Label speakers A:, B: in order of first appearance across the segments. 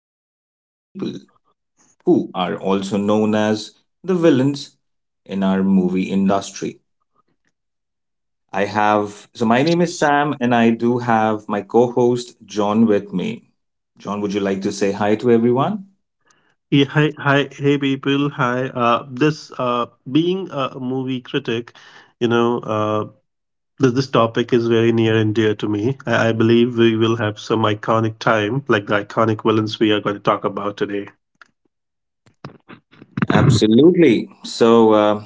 A: the worst people, who are also known as the villains in our movie industry. So my name is Sam, and I do have my co host, John, with me. John, would you like to say hi to everyone?
B: Yeah, hey people. Hi. This being a movie critic, you know, this topic is very near and dear to me. I believe we will have some iconic time, like the iconic villains we are going to talk about today.
A: Absolutely.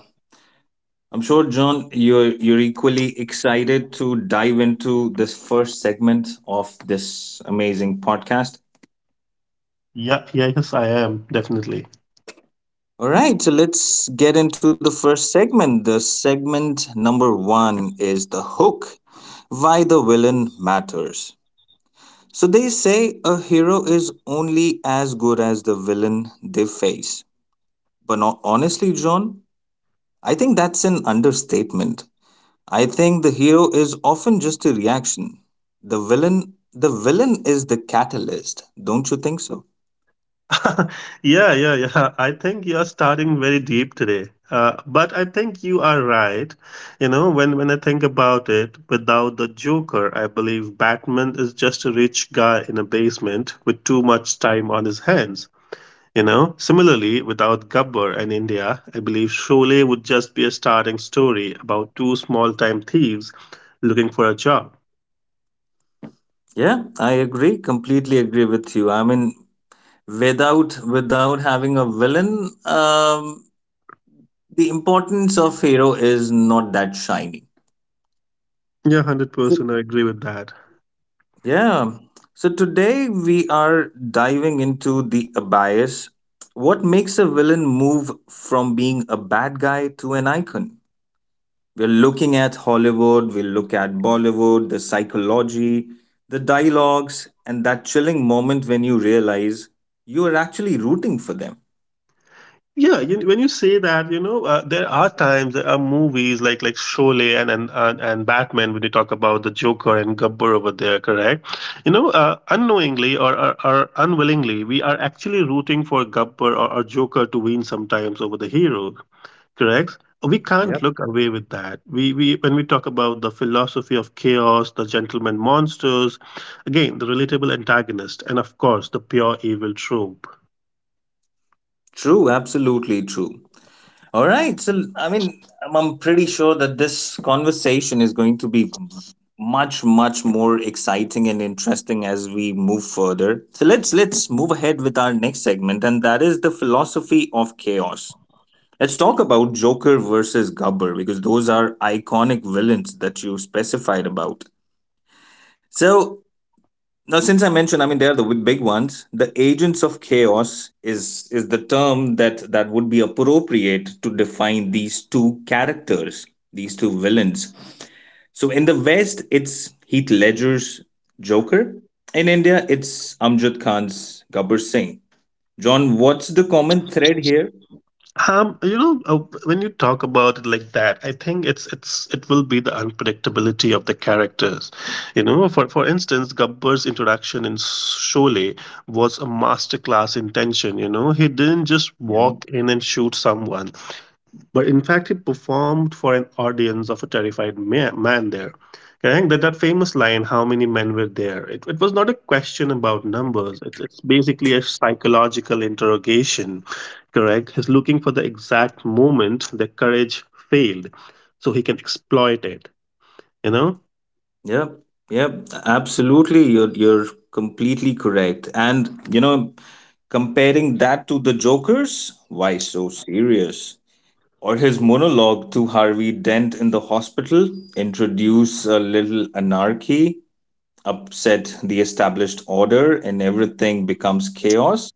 A: I'm sure, John, you're equally excited to dive into this first segment of this amazing podcast.
B: Yeah, yes, I am definitely.
A: All right, so let's get into the first segment. The segment number one is the hook, why the villain matters. So they say a hero is only as good as the villain they face. But honestly, John, I think that's an understatement. I think the hero is often just a reaction. The villain is the catalyst, don't you think so?
B: Yeah. I think you're starting very deep today. But I think you are right. You know, when I think about it, without the Joker, I believe Batman is just a rich guy in a basement with too much time on his hands. You know, similarly, without Gabbar and India, I believe Sholay would just be a starting story about two small time thieves looking for a job.
A: Yeah, I agree, completely agree with you. I mean, without having a villain, the importance of hero is not that shiny.
B: Yeah, 100% I agree with that.
A: Yeah, so today we are diving into the bias, what makes a villain move from being a bad guy to an icon. We're looking at Hollywood, we look at Bollywood, the psychology, the dialogues, and that chilling moment when you realize you are actually rooting for them.
B: Yeah, you, when you say that, you know, there are times there are movies like Sholay and and Batman when you talk about the Joker and Gabbar over there, correct? You know, unknowingly or unwillingly, we are actually rooting for Gabbar or Joker to win sometimes over the hero, correct? We can't
A: Yep.
B: look away with that. We when we talk about the philosophy of chaos, the gentleman monsters, again the relatable antagonist, and of course the pure evil trope.
A: True, absolutely true. All right. So, I mean, I'm pretty sure that this conversation is going to be much, much more exciting and interesting as we move further. So let's move ahead with our next segment, and that is the philosophy of chaos. Let's talk about Joker versus Gubber because those are iconic villains that you specified about. So now, since I mentioned, I mean, they are the big ones. The agents of chaos is the term that would be appropriate to define these two characters, these two villains. So in the West, it's Heath Ledger's Joker. In India, it's Amjad Khan's Gabbar Singh. John, what's the common thread here?
B: You know, when you talk about it like that, I think it's it will be the unpredictability of the characters. You know, for instance, Gabbar's introduction in Sholay was a masterclass in tension. You know, he didn't just walk in and shoot someone but in fact he performed for an audience of a terrified man there. Okay? That famous line, how many men were there? It was not a question about numbers. It's basically a psychological interrogation, correct? He's looking for the exact moment the courage failed so he can exploit it, you know?
A: Yep, yep, absolutely. You're completely correct. And you know, comparing that to the Joker's, "Why so serious?" or his monologue to Harvey Dent in the hospital, "Introduce a little anarchy, upset the established order, and everything becomes chaos.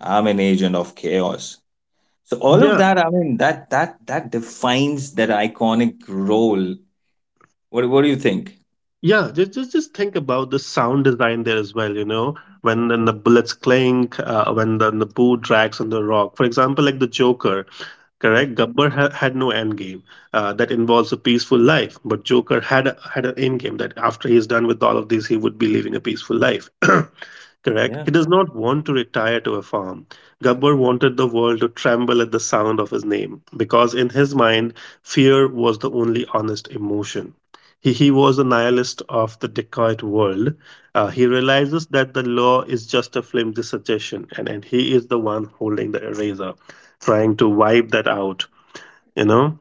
A: I'm an agent of chaos." So all of
B: Yeah,
A: that, I mean, that defines that iconic role. What do you think?
B: yeah. Just think about the sound design there as well, you know? When the bullets clink, when the boo drags on the rock. For example, like the Joker,
A: Yeah,
B: correct. Gabbar had no end game that involves a peaceful life, but Joker had had an end game that after he's done with all of this, he would be living a peaceful life. Correct.
A: yeah.
B: He does not want to retire to a farm. Gabbar wanted the world to tremble at the sound of his name because, in his mind, fear was the only honest emotion. He was the nihilist of the Descartes world. He realizes that the law is just a flimsy suggestion, and he is the one holding the eraser, trying to wipe that out, you know?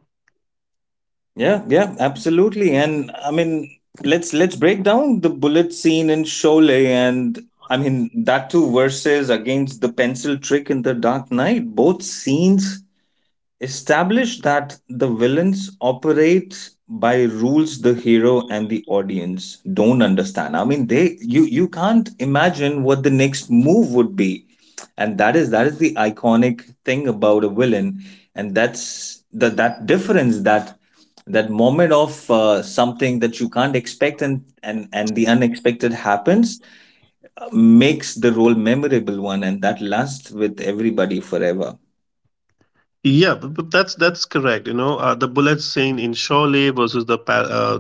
A: Yeah, yeah, absolutely. And I mean, let's break down the bullet scene in Sholay, and I mean that too versus against the pencil trick in The Dark Knight. Both scenes establish that the villains operate by rules the hero and the audience don't understand. I mean, they, you can't imagine what the next move would be, and that is the iconic thing about a villain, and that's the that difference, that that moment of something that you can't expect, and the unexpected happens, makes the role memorable one, and that lasts with everybody forever.
B: Yeah, but that's correct. You know, the bullet scene in Shawley versus the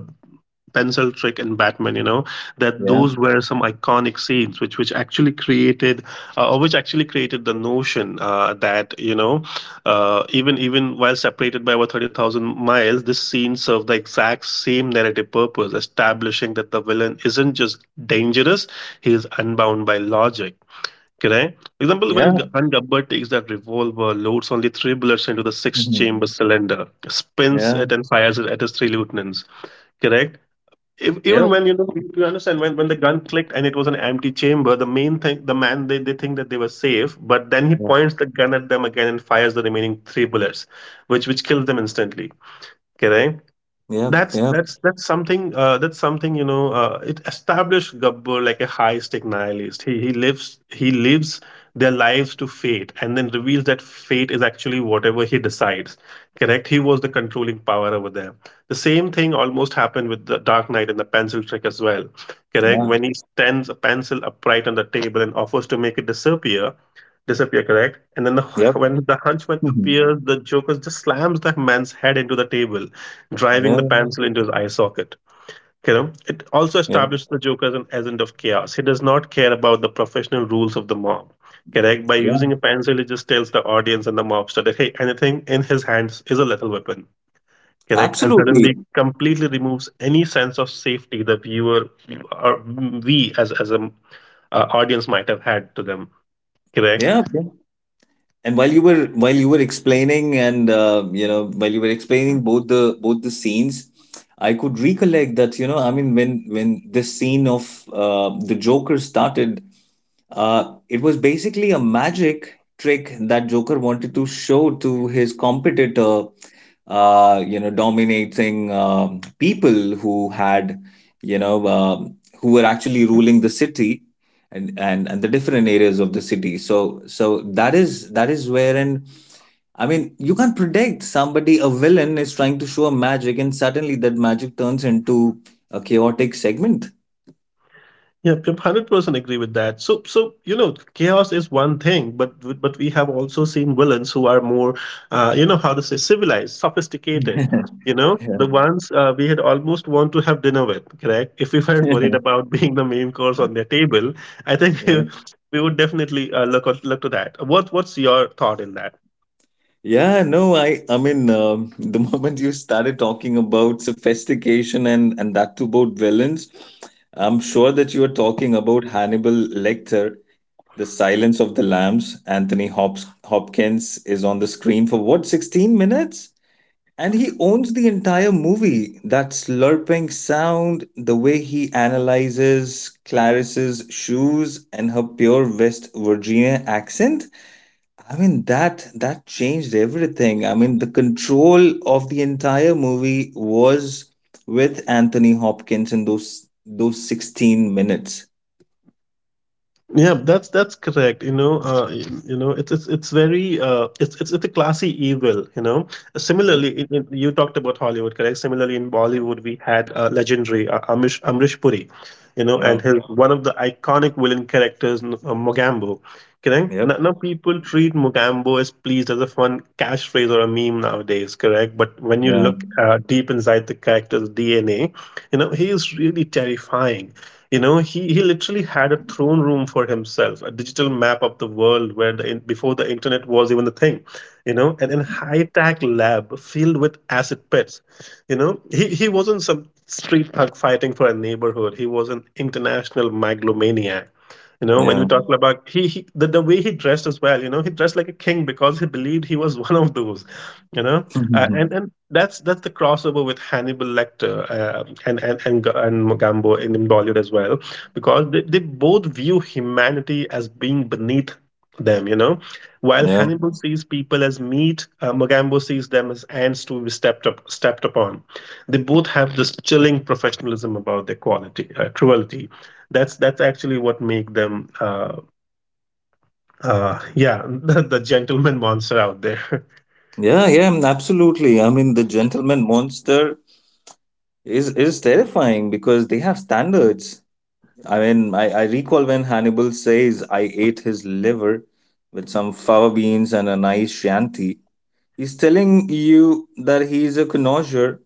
B: pencil trick in Batman, you know, that
A: Yeah,
B: those were some iconic scenes which actually created or which actually created the notion that you know, even while separated by over 30,000 miles, this scene served the exact same narrative purpose, establishing that the villain isn't just dangerous, he is unbound by logic. Correct. For example,
A: yeah.
B: when Gabbar takes that revolver, loads only three bullets into the six-chamber
A: Mhm.
B: cylinder, spins
A: Yeah.
B: it, and fires it at his three lieutenants. Correct. Even
A: Yep.
B: when you know you understand when the gun clicked and it was an empty chamber, the main thing, the man, they think that they were safe, but then he
A: Yep.
B: points the gun at them again and fires the remaining three bullets, which kills them instantly, okay, right?
A: Yep.
B: That's
A: Yep.
B: that's that's something, that's something, you know, it established Gabbar like a high stake nihilist. He lives their lives to fate and then reveals that fate is actually whatever he decides. Correct? He was the controlling power over there. The same thing almost happened with the Dark Knight and the pencil trick as well. Correct?
A: Yeah.
B: When he stands a pencil upright on the table and offers to make it disappear, correct? And then the,
A: Yep.
B: when the henchman
A: Mhm.
B: appears, the Joker just slams that man's head into the table, driving
A: Yeah.
B: the pencil into his eye socket. You know, it also
A: Yeah.
B: establishes the Joker as an agent of chaos. He does not care about the professional rules of the mob. Correct? By
A: Yeah.
B: using a pencil, he just tells the audience and the mobster that hey, anything in his hands is a lethal weapon. Correct? And
A: Absolutely.
B: suddenly completely removes any sense of safety the viewer or we as an audience might have had to them. Correct?
A: Yeah. And while you were explaining, and you know, while you were explaining both the scenes, I could recollect that, you know, I mean, when this scene of the Joker started, it was basically a magic trick that Joker wanted to show to his competitor, you know, dominating people who had, you know, who were actually ruling the city, and the different areas of the city. So so that is wherein, I mean, you can't predict somebody. A villain is trying to show a magic and suddenly that magic turns into a chaotic segment.
B: Yep, 100% agree with that. So you know, chaos is one thing, but we have also seen villains who are more, you know, how to say, civilized, sophisticated.
A: Yeah.
B: You know, the ones we had almost want to have dinner with, correct? If we weren't worried about being the main course on their table, I think
A: Yeah.
B: we would definitely look to that. What what's your thought in that?
A: Yeah, no, I mean, the moment you started talking about sophistication and that too about villains, I'm sure that you are talking about Hannibal Lecter, The Silence of the Lambs. Hopkins is on the screen for what, 16 minutes? And he owns the entire movie. That slurping sound, the way he analyzes Clarice's shoes and her pure West Virginia accent. I mean that that changed everything. I mean the control of the entire movie was with Anthony Hopkins in those 16 minutes.
B: Yeah, that's correct. You know, you know, it's very it's a classy evil. You know,
A: Yep.
B: similarly, you talked about Hollywood, correct? Similarly, in Bollywood, we had legendary Amish Amrish Puri, you know,
A: Yeah.
B: and his one of the iconic villain characters, Mogambo. Correct.
A: Yep.
B: Now people treat Mogambo as pleased as a fun catchphrase or a meme nowadays. Correct. But when you
A: Yeah.
B: look deep inside the character's DNA, you know he is really terrifying. You know, he literally had a throne room for himself, a digital map of the world where the, before the internet was even a thing, you know, and in high-tech lab filled with acid pits. You know, he wasn't some street thug fighting for a neighborhood. He was an international megalomaniac. You know, when we
A: Yeah.
B: talk about the way he dressed as well, you know, he dressed like a king because he believed he was one of those, you know, and
A: Mhm.
B: that's the crossover with Hannibal Lecter and Gambo in Bollywood as well, because they both view humanity as being beneath them. You know, while
A: Yeah,
B: Hannibal sees people as meat, Magambo sees them as ants to be stepped upon. They both have this chilling professionalism about their quality cruelty. That's actually what make them yeah, the gentleman monster out there.
A: yeah, yeah, absolutely. I mean, the gentleman monster is terrifying because they have standards. I mean, I recall when Hannibal says, "I ate his liver with some fava beans and a nice shanty." He's telling you that he is a connoisseur.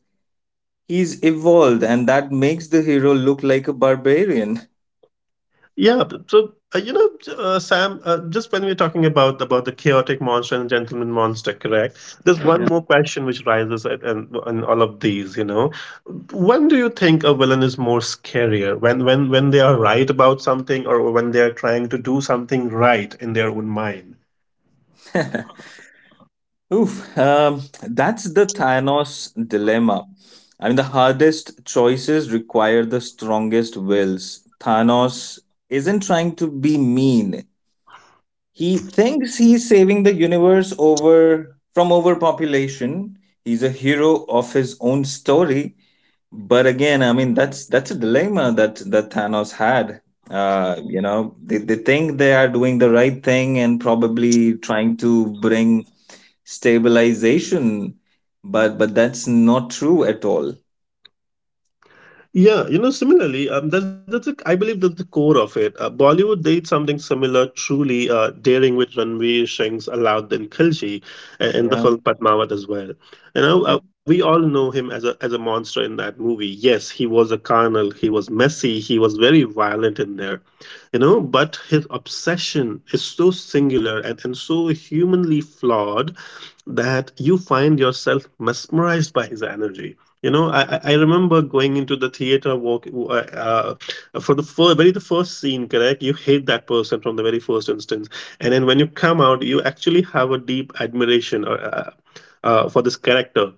A: He's evolved, and that makes the hero look like a barbarian.
B: You know, Sam, just when we're talking about the chaotic monster and gentleman monster, correct? There's one more question which rises at, and all of these. You know, when do you think a villain is more scarier? When they are right about something, or when they are trying to do something right in their own mind?
A: Yeah. Oof, that's the Thanos dilemma. I mean, the hardest choices require the strongest wills. Thanos isn't trying to be mean. He thinks he's saving the universe over from overpopulation. He's a hero of his own story, but again, I mean that's a dilemma that that Thanos had. You know, they think they are doing the right thing and probably trying to bring stabilization, but that's not true at all.
B: Yeah, you know, similarly, I believe that's the core of it. Bollywood did something similar, truly daring, with Ranveer Singh's Alauddin Khilji in the
A: Yeah,
B: film Padmavat as well. You know,
A: Yep.
B: we all know him as a monster in that movie. Yes, he was a carnal, he was messy, he was very violent in there. You know, but his obsession is so singular and so humanly flawed that you find yourself mesmerized by his energy. You know, I remember going into the theater, walk uh, for the very the first scene, correct? You hate that person from the very first instance, and then when you come out, you actually have a deep admiration, for this character,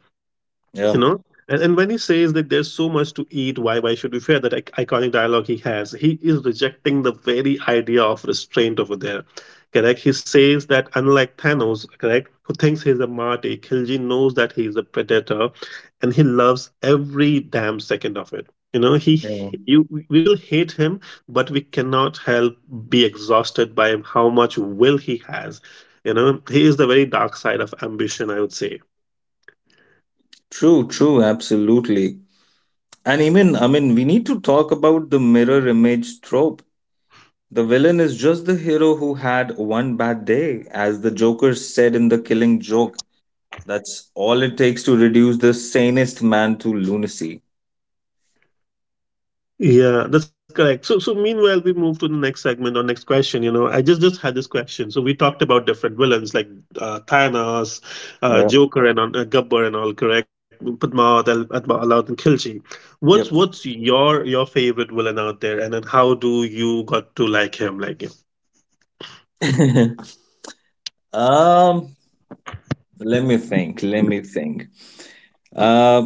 B: you
A: Yeah.
B: know. And and when he says that there's so much to eat, why should we fear, that iconic dialogue he has, he is rejecting the very idea of restraint over there. Correct, he says that, unlike Thanos, correct, who thinks he's a marty, Kilji knows that he's a predator, and he loves every damn second of it. You know, he,
A: Yeah,
B: you, we will hate him, but we cannot help be exhausted by how much will he has. You know, he is the very dark side of ambition, I would say.
A: true, true, absolutely. And even, I mean, we need to talk about the mirror image trope. The villain is just the hero who had one bad day, as the Joker said in the Killing Joke. That's all it takes to reduce the sanest man to lunacy.
B: Yeah, that's correct. So meanwhile, we move to the next segment or next question. You know, I just had this question. So we talked about different villains like Thanos,
A: Yeah.
B: Joker, and Gabbar and all. Correct, Padmavat, Alauddin Khilji.
A: Yep.
B: What's your favorite villain out there, and then how do you got to like him? Like,
A: um, let me think. Let me think. Uh,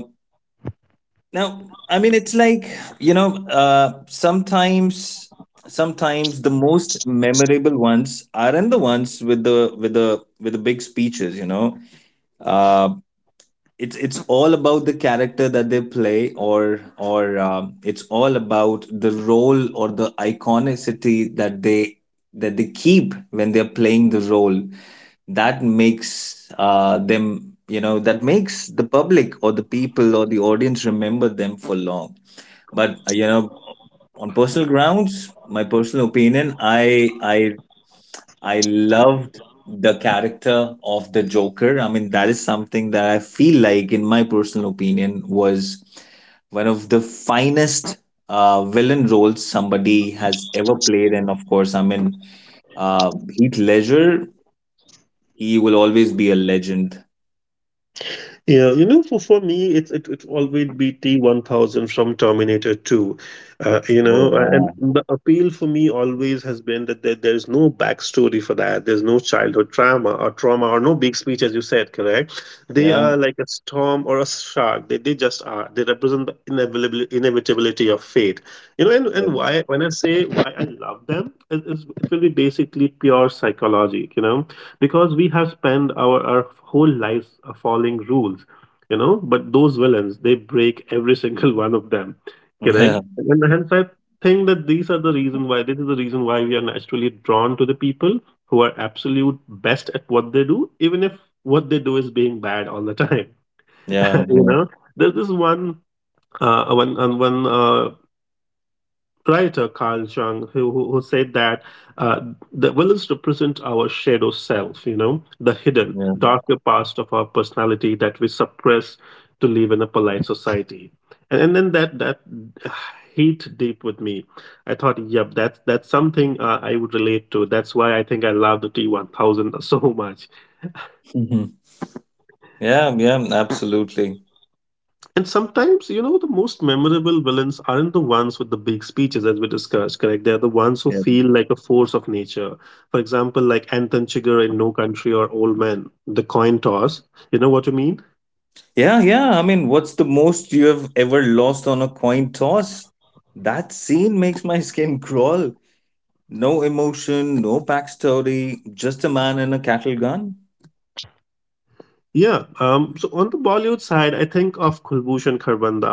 A: Now, I mean, it's like, you know, sometimes the most memorable ones aren't the ones with the with the big speeches, you know. Uh, it's all about the character that they play, or it's all about the role or the iconicity that they keep when they're playing the role, that makes them, you know, that makes the public or the people or the audience remember them for long. But you know, on personal grounds, my personal opinion, I I loved the character of the Joker. I mean, that is something that I feel like, in my personal opinion, was one of the finest villain roles somebody has ever played. And of course, I mean, Heath Ledger, he will always be a legend.
B: yeah, you know, for me, it always be T1000 from Terminator 2. You
A: Oh,
B: know, and
A: yeah.
B: the appeal for me always has been that there's no backstory for that. There's no childhood trauma or no big speech, as you said, correct? They
A: Yeah.
B: are like a storm or a shark. They just are. They represent the inevitability of fate. You know, when I say why I love them, it will be basically pure psychology, you know? Because we have spent our whole lives following rules, you know, but those villains they break every single one of them,
A: Yeah.
B: correct, and hence I think that these are the reason why this is the reason why we are naturally drawn to the people who are absolute best at what they do, even if what they do is being bad all the time.
A: Yeah. Yeah.
B: You
A: Yeah.
B: know, there's this one writer Carl Jung who who said that, uh, the villains represent our shadow self, you know, the hidden,
A: Yeah.
B: darker past of our personality that we suppress to live in a polite society. And then that hit deep with me. I thought, yep, that's something I would relate to. That's why I think I love the T 1000 so much.
A: Mhm. Yeah. Yeah, absolutely.
B: And sometimes, you know, the most memorable villains aren't the ones with the big speeches, as we discussed, correct? They're the ones who feel like a force of nature. For example, like Anton Chigurh in No Country or Old Man, the coin toss. You know what I mean?
A: Yeah, yeah. I mean, what's the most you have ever lost on a coin toss? That scene makes my skin crawl. No emotion, no backstory, just a man and a cattle gun.
B: Yeah. So on the Bollywood side, I think of Kulbushan Kharbanda uh,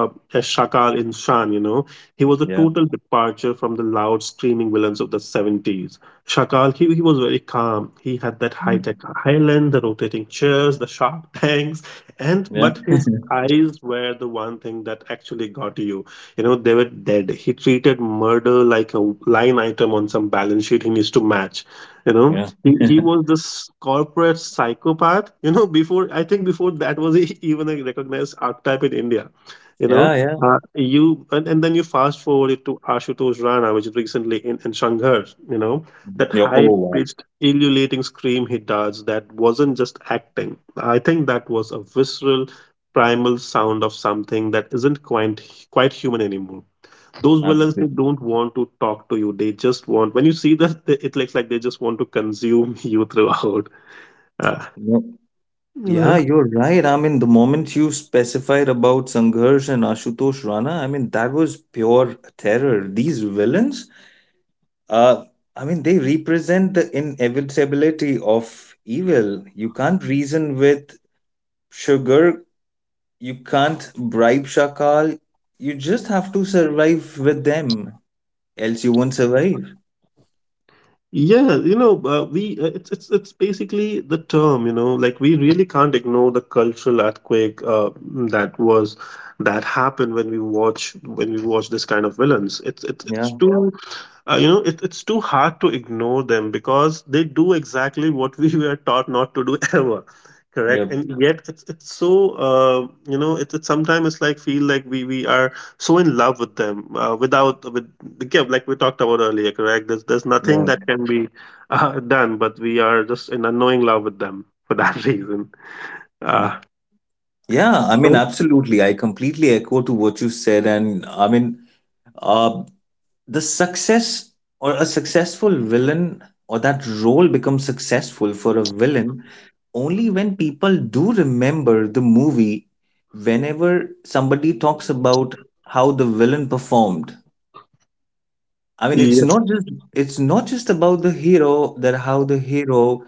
B: uh, as Shakal in Shan. You know, he was a
A: Yeah,
B: total departure from the loud, screaming villains of the 70s. Shakal, he was very calm. He had that high tech island, the rotating chairs, the shark tanks, and
A: yeah,
B: but his eyes were the one thing that actually got you. You know, they were dead. He treated murder like a line item on some balance sheet he needs to match. You know,
A: yeah,
B: he
A: yeah,
B: he was this corporate psychopath, you know, before I think before that was even a recognized archetype in India. You know,
A: yeah.
B: you and then you fast forward it to Ashutosh Rana, which is recently in Shanghai. You know, that
A: Yeah, oh,
B: high
A: wow.
B: pitched ululating scream he does, that wasn't just acting. I think that was a visceral, primal sound of something that isn't quite human anymore. Those villains, they
A: Absolutely.
B: don't want to talk to you, they just want, when you see that it looks like they just want to consume you throughout. uh,
A: No.
B: you
A: Yeah,
B: know,
A: you're right. I mean, the moment you specified about Sangharsh and Ashutosh Rana, I mean, that was pure terror. These villains, Uh, I mean, they represent the inevitability of evil. You can't reason with sugar, you can't bribe Shakal. You just have to survive with them, else you won't survive.
B: yeah, you know, we it's basically the term, you know, like we really can't ignore the cultural earthquake, that was that happened when we watch this kind of villains.
A: Yeah,
B: It's too, you know, it, it's too hard to ignore them because they do exactly what we were taught not to do ever. Correct,
A: yep,
B: and yeah, yet it's so, you know, it's sometimes it's like feel like we are so in love with them, without with the gift like we talked about earlier. Correct, there's nothing
A: yeah.
B: that can be done, but we are just in unknowing love with them for that reason. Uh,
A: Yeah, I
B: you
A: mean,
B: know?
A: absolutely. I completely echo to what you said. And I mean, uh, the success or a successful villain, or that role becomes successful for a villain, only when people do remember the movie. Whenever somebody talks about how the villain performed, I mean, it's not just, it's not just about the hero, that how the hero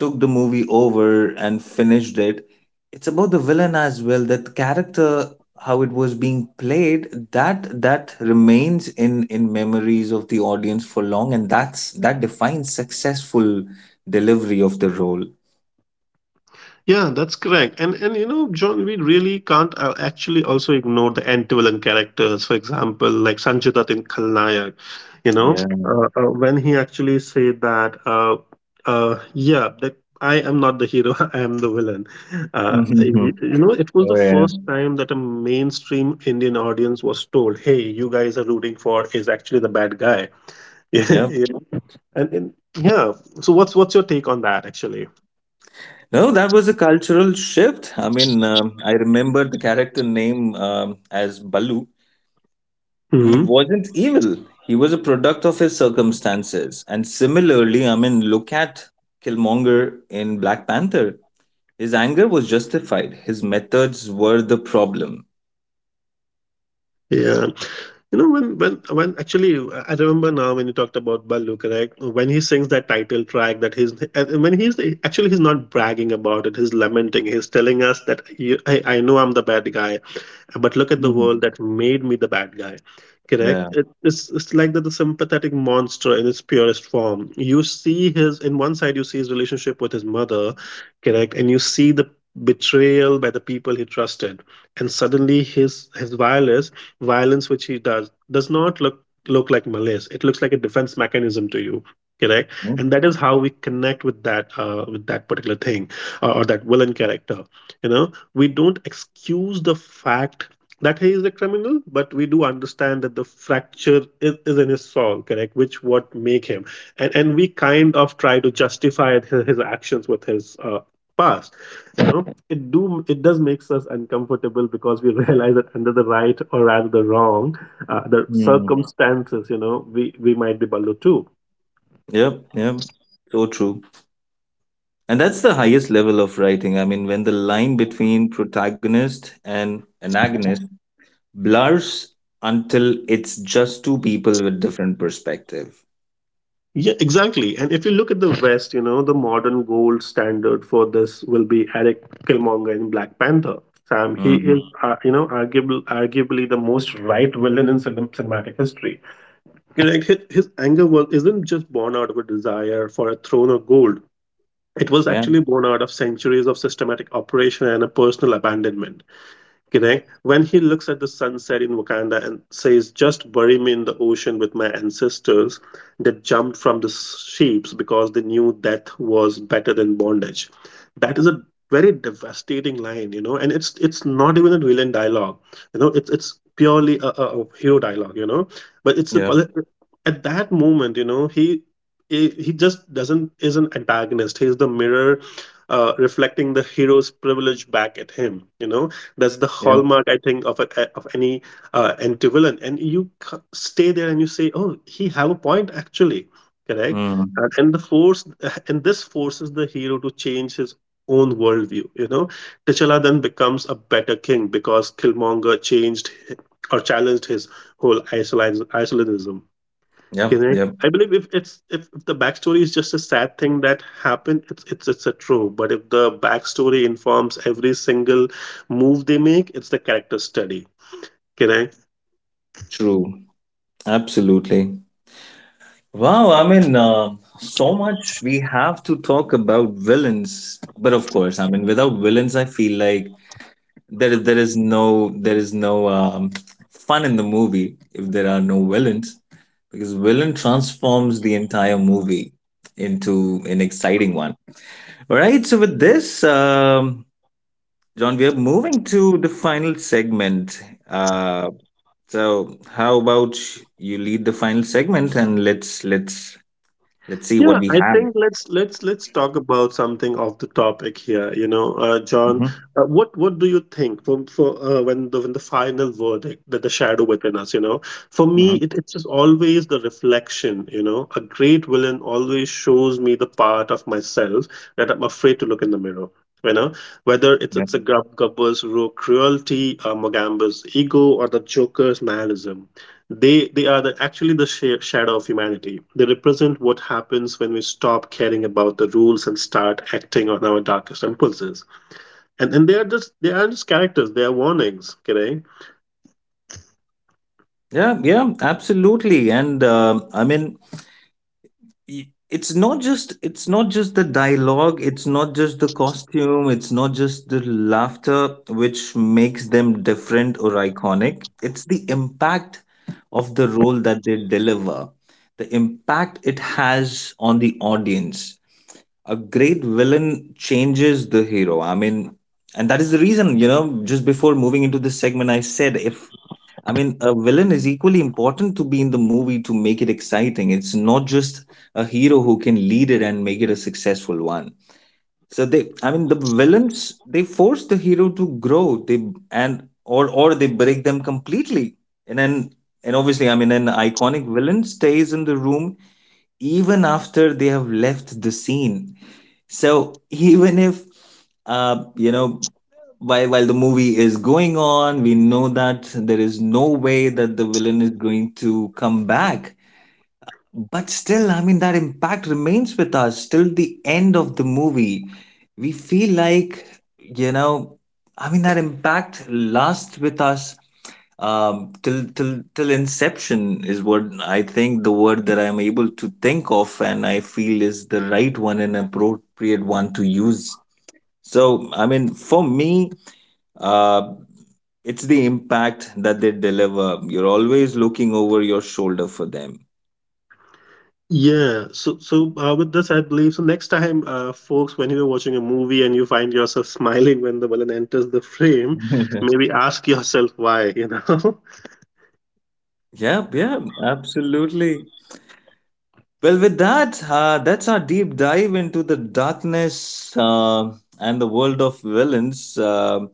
A: took the movie over and finished it. It's about the villain as well. That character, how it was being played, that that remains in memories of the audience for long, and that's that defines successful delivery of the role.
B: Yeah, that's correct. And you know, John, we really can't actually also ignore the anti-villain characters. For example, like Sanjay Dutt in Khalnayak, you know,
A: Yeah.
B: when he actually said that, yeah, that I am not the hero, I am the villain.
A: Mhm.
B: You know, it was the
A: Oh yeah.
B: first time that a mainstream Indian audience was told, "Hey, you guys are rooting for is actually the bad guy."
A: Yeah.
B: Yeah, and yeah. So what's your take on that actually?
A: No, that was a cultural shift. I mean, I remember the character name as Balu. He
B: Hmm.
A: wasn't evil. He was a product of his circumstances. And similarly, I mean, look at Killmonger in Black Panther. His anger was justified. His methods were the problem.
B: Yeah. You know, when actually, I remember now when you talked about Ballu, correct? When he sings that title track, that he's and when he's actually, he's not bragging about it, he's lamenting, he's telling us that I know I'm the bad guy, but look at the world
A: Mhm.
B: that made me the bad guy, correct.
A: Yeah.
B: It's like the sympathetic monster in its purest form. You see his, in one side you see his relationship with his mother, correct, and you see the betrayal by the people he trusted, and suddenly his violence which he does not look like malice, it looks like a defense mechanism to you, correct. And that is how we connect with that, with that particular thing, or that villain character. You know, we don't excuse the fact that he is a criminal, but we do understand that the fracture is in his soul, correct, which what make him. And we kind of try to justify his actions with his past. You know, it does makes us uncomfortable because we realize that under the right, or rather the wrong the
A: Mm-hmm.
B: circumstances, you know, we might be below too.
A: Yep. Yep. So true. And that's the highest level of writing. I mean, when the line between protagonist and antagonist blurs until it's just two people with different perspective.
B: Yeah, exactly. And if you look at the West, you know, the modern gold standard for this will be Eric Killmonger in Black Panther. Sam, he is,
A: Mm.
B: you know, arguably the most right villain in cinematic history. You know, like, his anger was isn't just born out of a desire for a throne of gold. It was
A: Yeah.
B: actually born out of centuries of systematic operation and a personal abandonment. Kinect, when he looks at the sunset in Wakanda and says, "Just bury me in the ocean with my ancestors that jumped from the ships because they knew death was better than bondage." That is a very devastating line, you know, and it's not even a villain dialogue. You know, it's purely a hero dialogue, you know. But it's a,
A: Yeah.
B: at that moment, you know, he just doesn't is an antagonist. He's the mirror, reflecting the hero's privilege back at him. You know, that's the
A: Yeah.
B: hallmark, I think, of a, of any anti villain. And you stay there and you say, "Oh, he have a point actually." Correct.
A: Mm.
B: And this forces the hero to change his own worldview. You know, T'Challa then becomes a better king because Killmonger changed hi- or challenged his whole isolationism.
A: Yep,
B: Correct.
A: yep,
B: I believe if it's if the backstory is just a sad thing that happened, it's a true. But if the backstory informs every single move they make, it's the character study. Correct.
A: true. Absolutely. Wow, I mean, so much we have to talk about villains, but of course, I mean, without villains, I feel like there is there is no there is no fun in the movie if there are no villains, because villain transforms the entire movie into an exciting one. All right, so with this, John, we are moving to the final segment. Uh, So how about you lead the final segment, and let's see what
B: Yeah,
A: we
B: I
A: have.
B: think let's talk about something off the topic here. You know, John,
A: Hmm.
B: what do you think for when the final verdict that the shadow within us? You know, for me,
A: Hmm.
B: it's just always the reflection. You know, a great villain always shows me the part of myself that I'm afraid to look in the mirror. You know, whether
A: Yeah.
B: it's a Gubber's raw cruelty, Mogamba's ego, or the Joker's nihilism. They are the, actually the shadow of humanity. They represent what happens when we stop caring about the rules and start acting on our darkest impulses. And they are just they aren't just characters. They are warnings. Okay.
A: Yeah, yeah, absolutely. And I mean, it's not just, it's not just the dialogue, it's not just the costume, it's not just the laughter which makes them different or iconic. It's the impact of the role that they deliver, the impact it has on the audience. A great villain changes the hero. I mean, and that is the reason, you know, just before moving into this segment, I said if, I mean, a villain is equally important to be in the movie to make it exciting. It's not just a hero who can lead it and make it a successful one. So they, I mean, the villains, they force the hero to grow, they, and or they break them completely. And then, and obviously, I mean, an iconic villain stays in the room even after they have left the scene. So even if, you know, while the movie is going on, we know that there is no way that the villain is going to come back, but still, I mean, that impact remains with us till the end of the movie. We feel like, you know, I mean, that impact lasts with us till till inception is what I think, the word that I'm able to think of and I feel is the right one and appropriate one to use. So I mean, for me, uh it's the impact that they deliver. You're always looking over your shoulder for them.
B: Yeah. So with this, I believe so. Next time, folks, when you're watching a movie and you find yourself smiling when the villain enters the frame, maybe ask yourself why. You know.
A: Yep, yep, absolutely. Well, with that, that's our deep dive into the darkness, and the world of villains.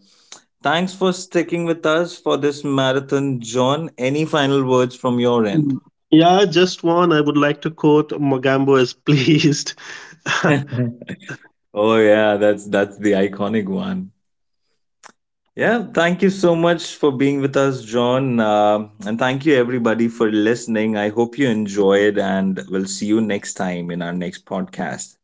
A: Thanks for sticking with us for this marathon, John. Any final words from your end?
B: Mm. Yeah, just one. I would like to quote Mogambo as pleased.
A: Oh yeah, that's the iconic one. Yeah, thank you so much for being with us, John. And thank you everybody for listening. I hope you enjoyed, and we'll see you next time in our next podcast.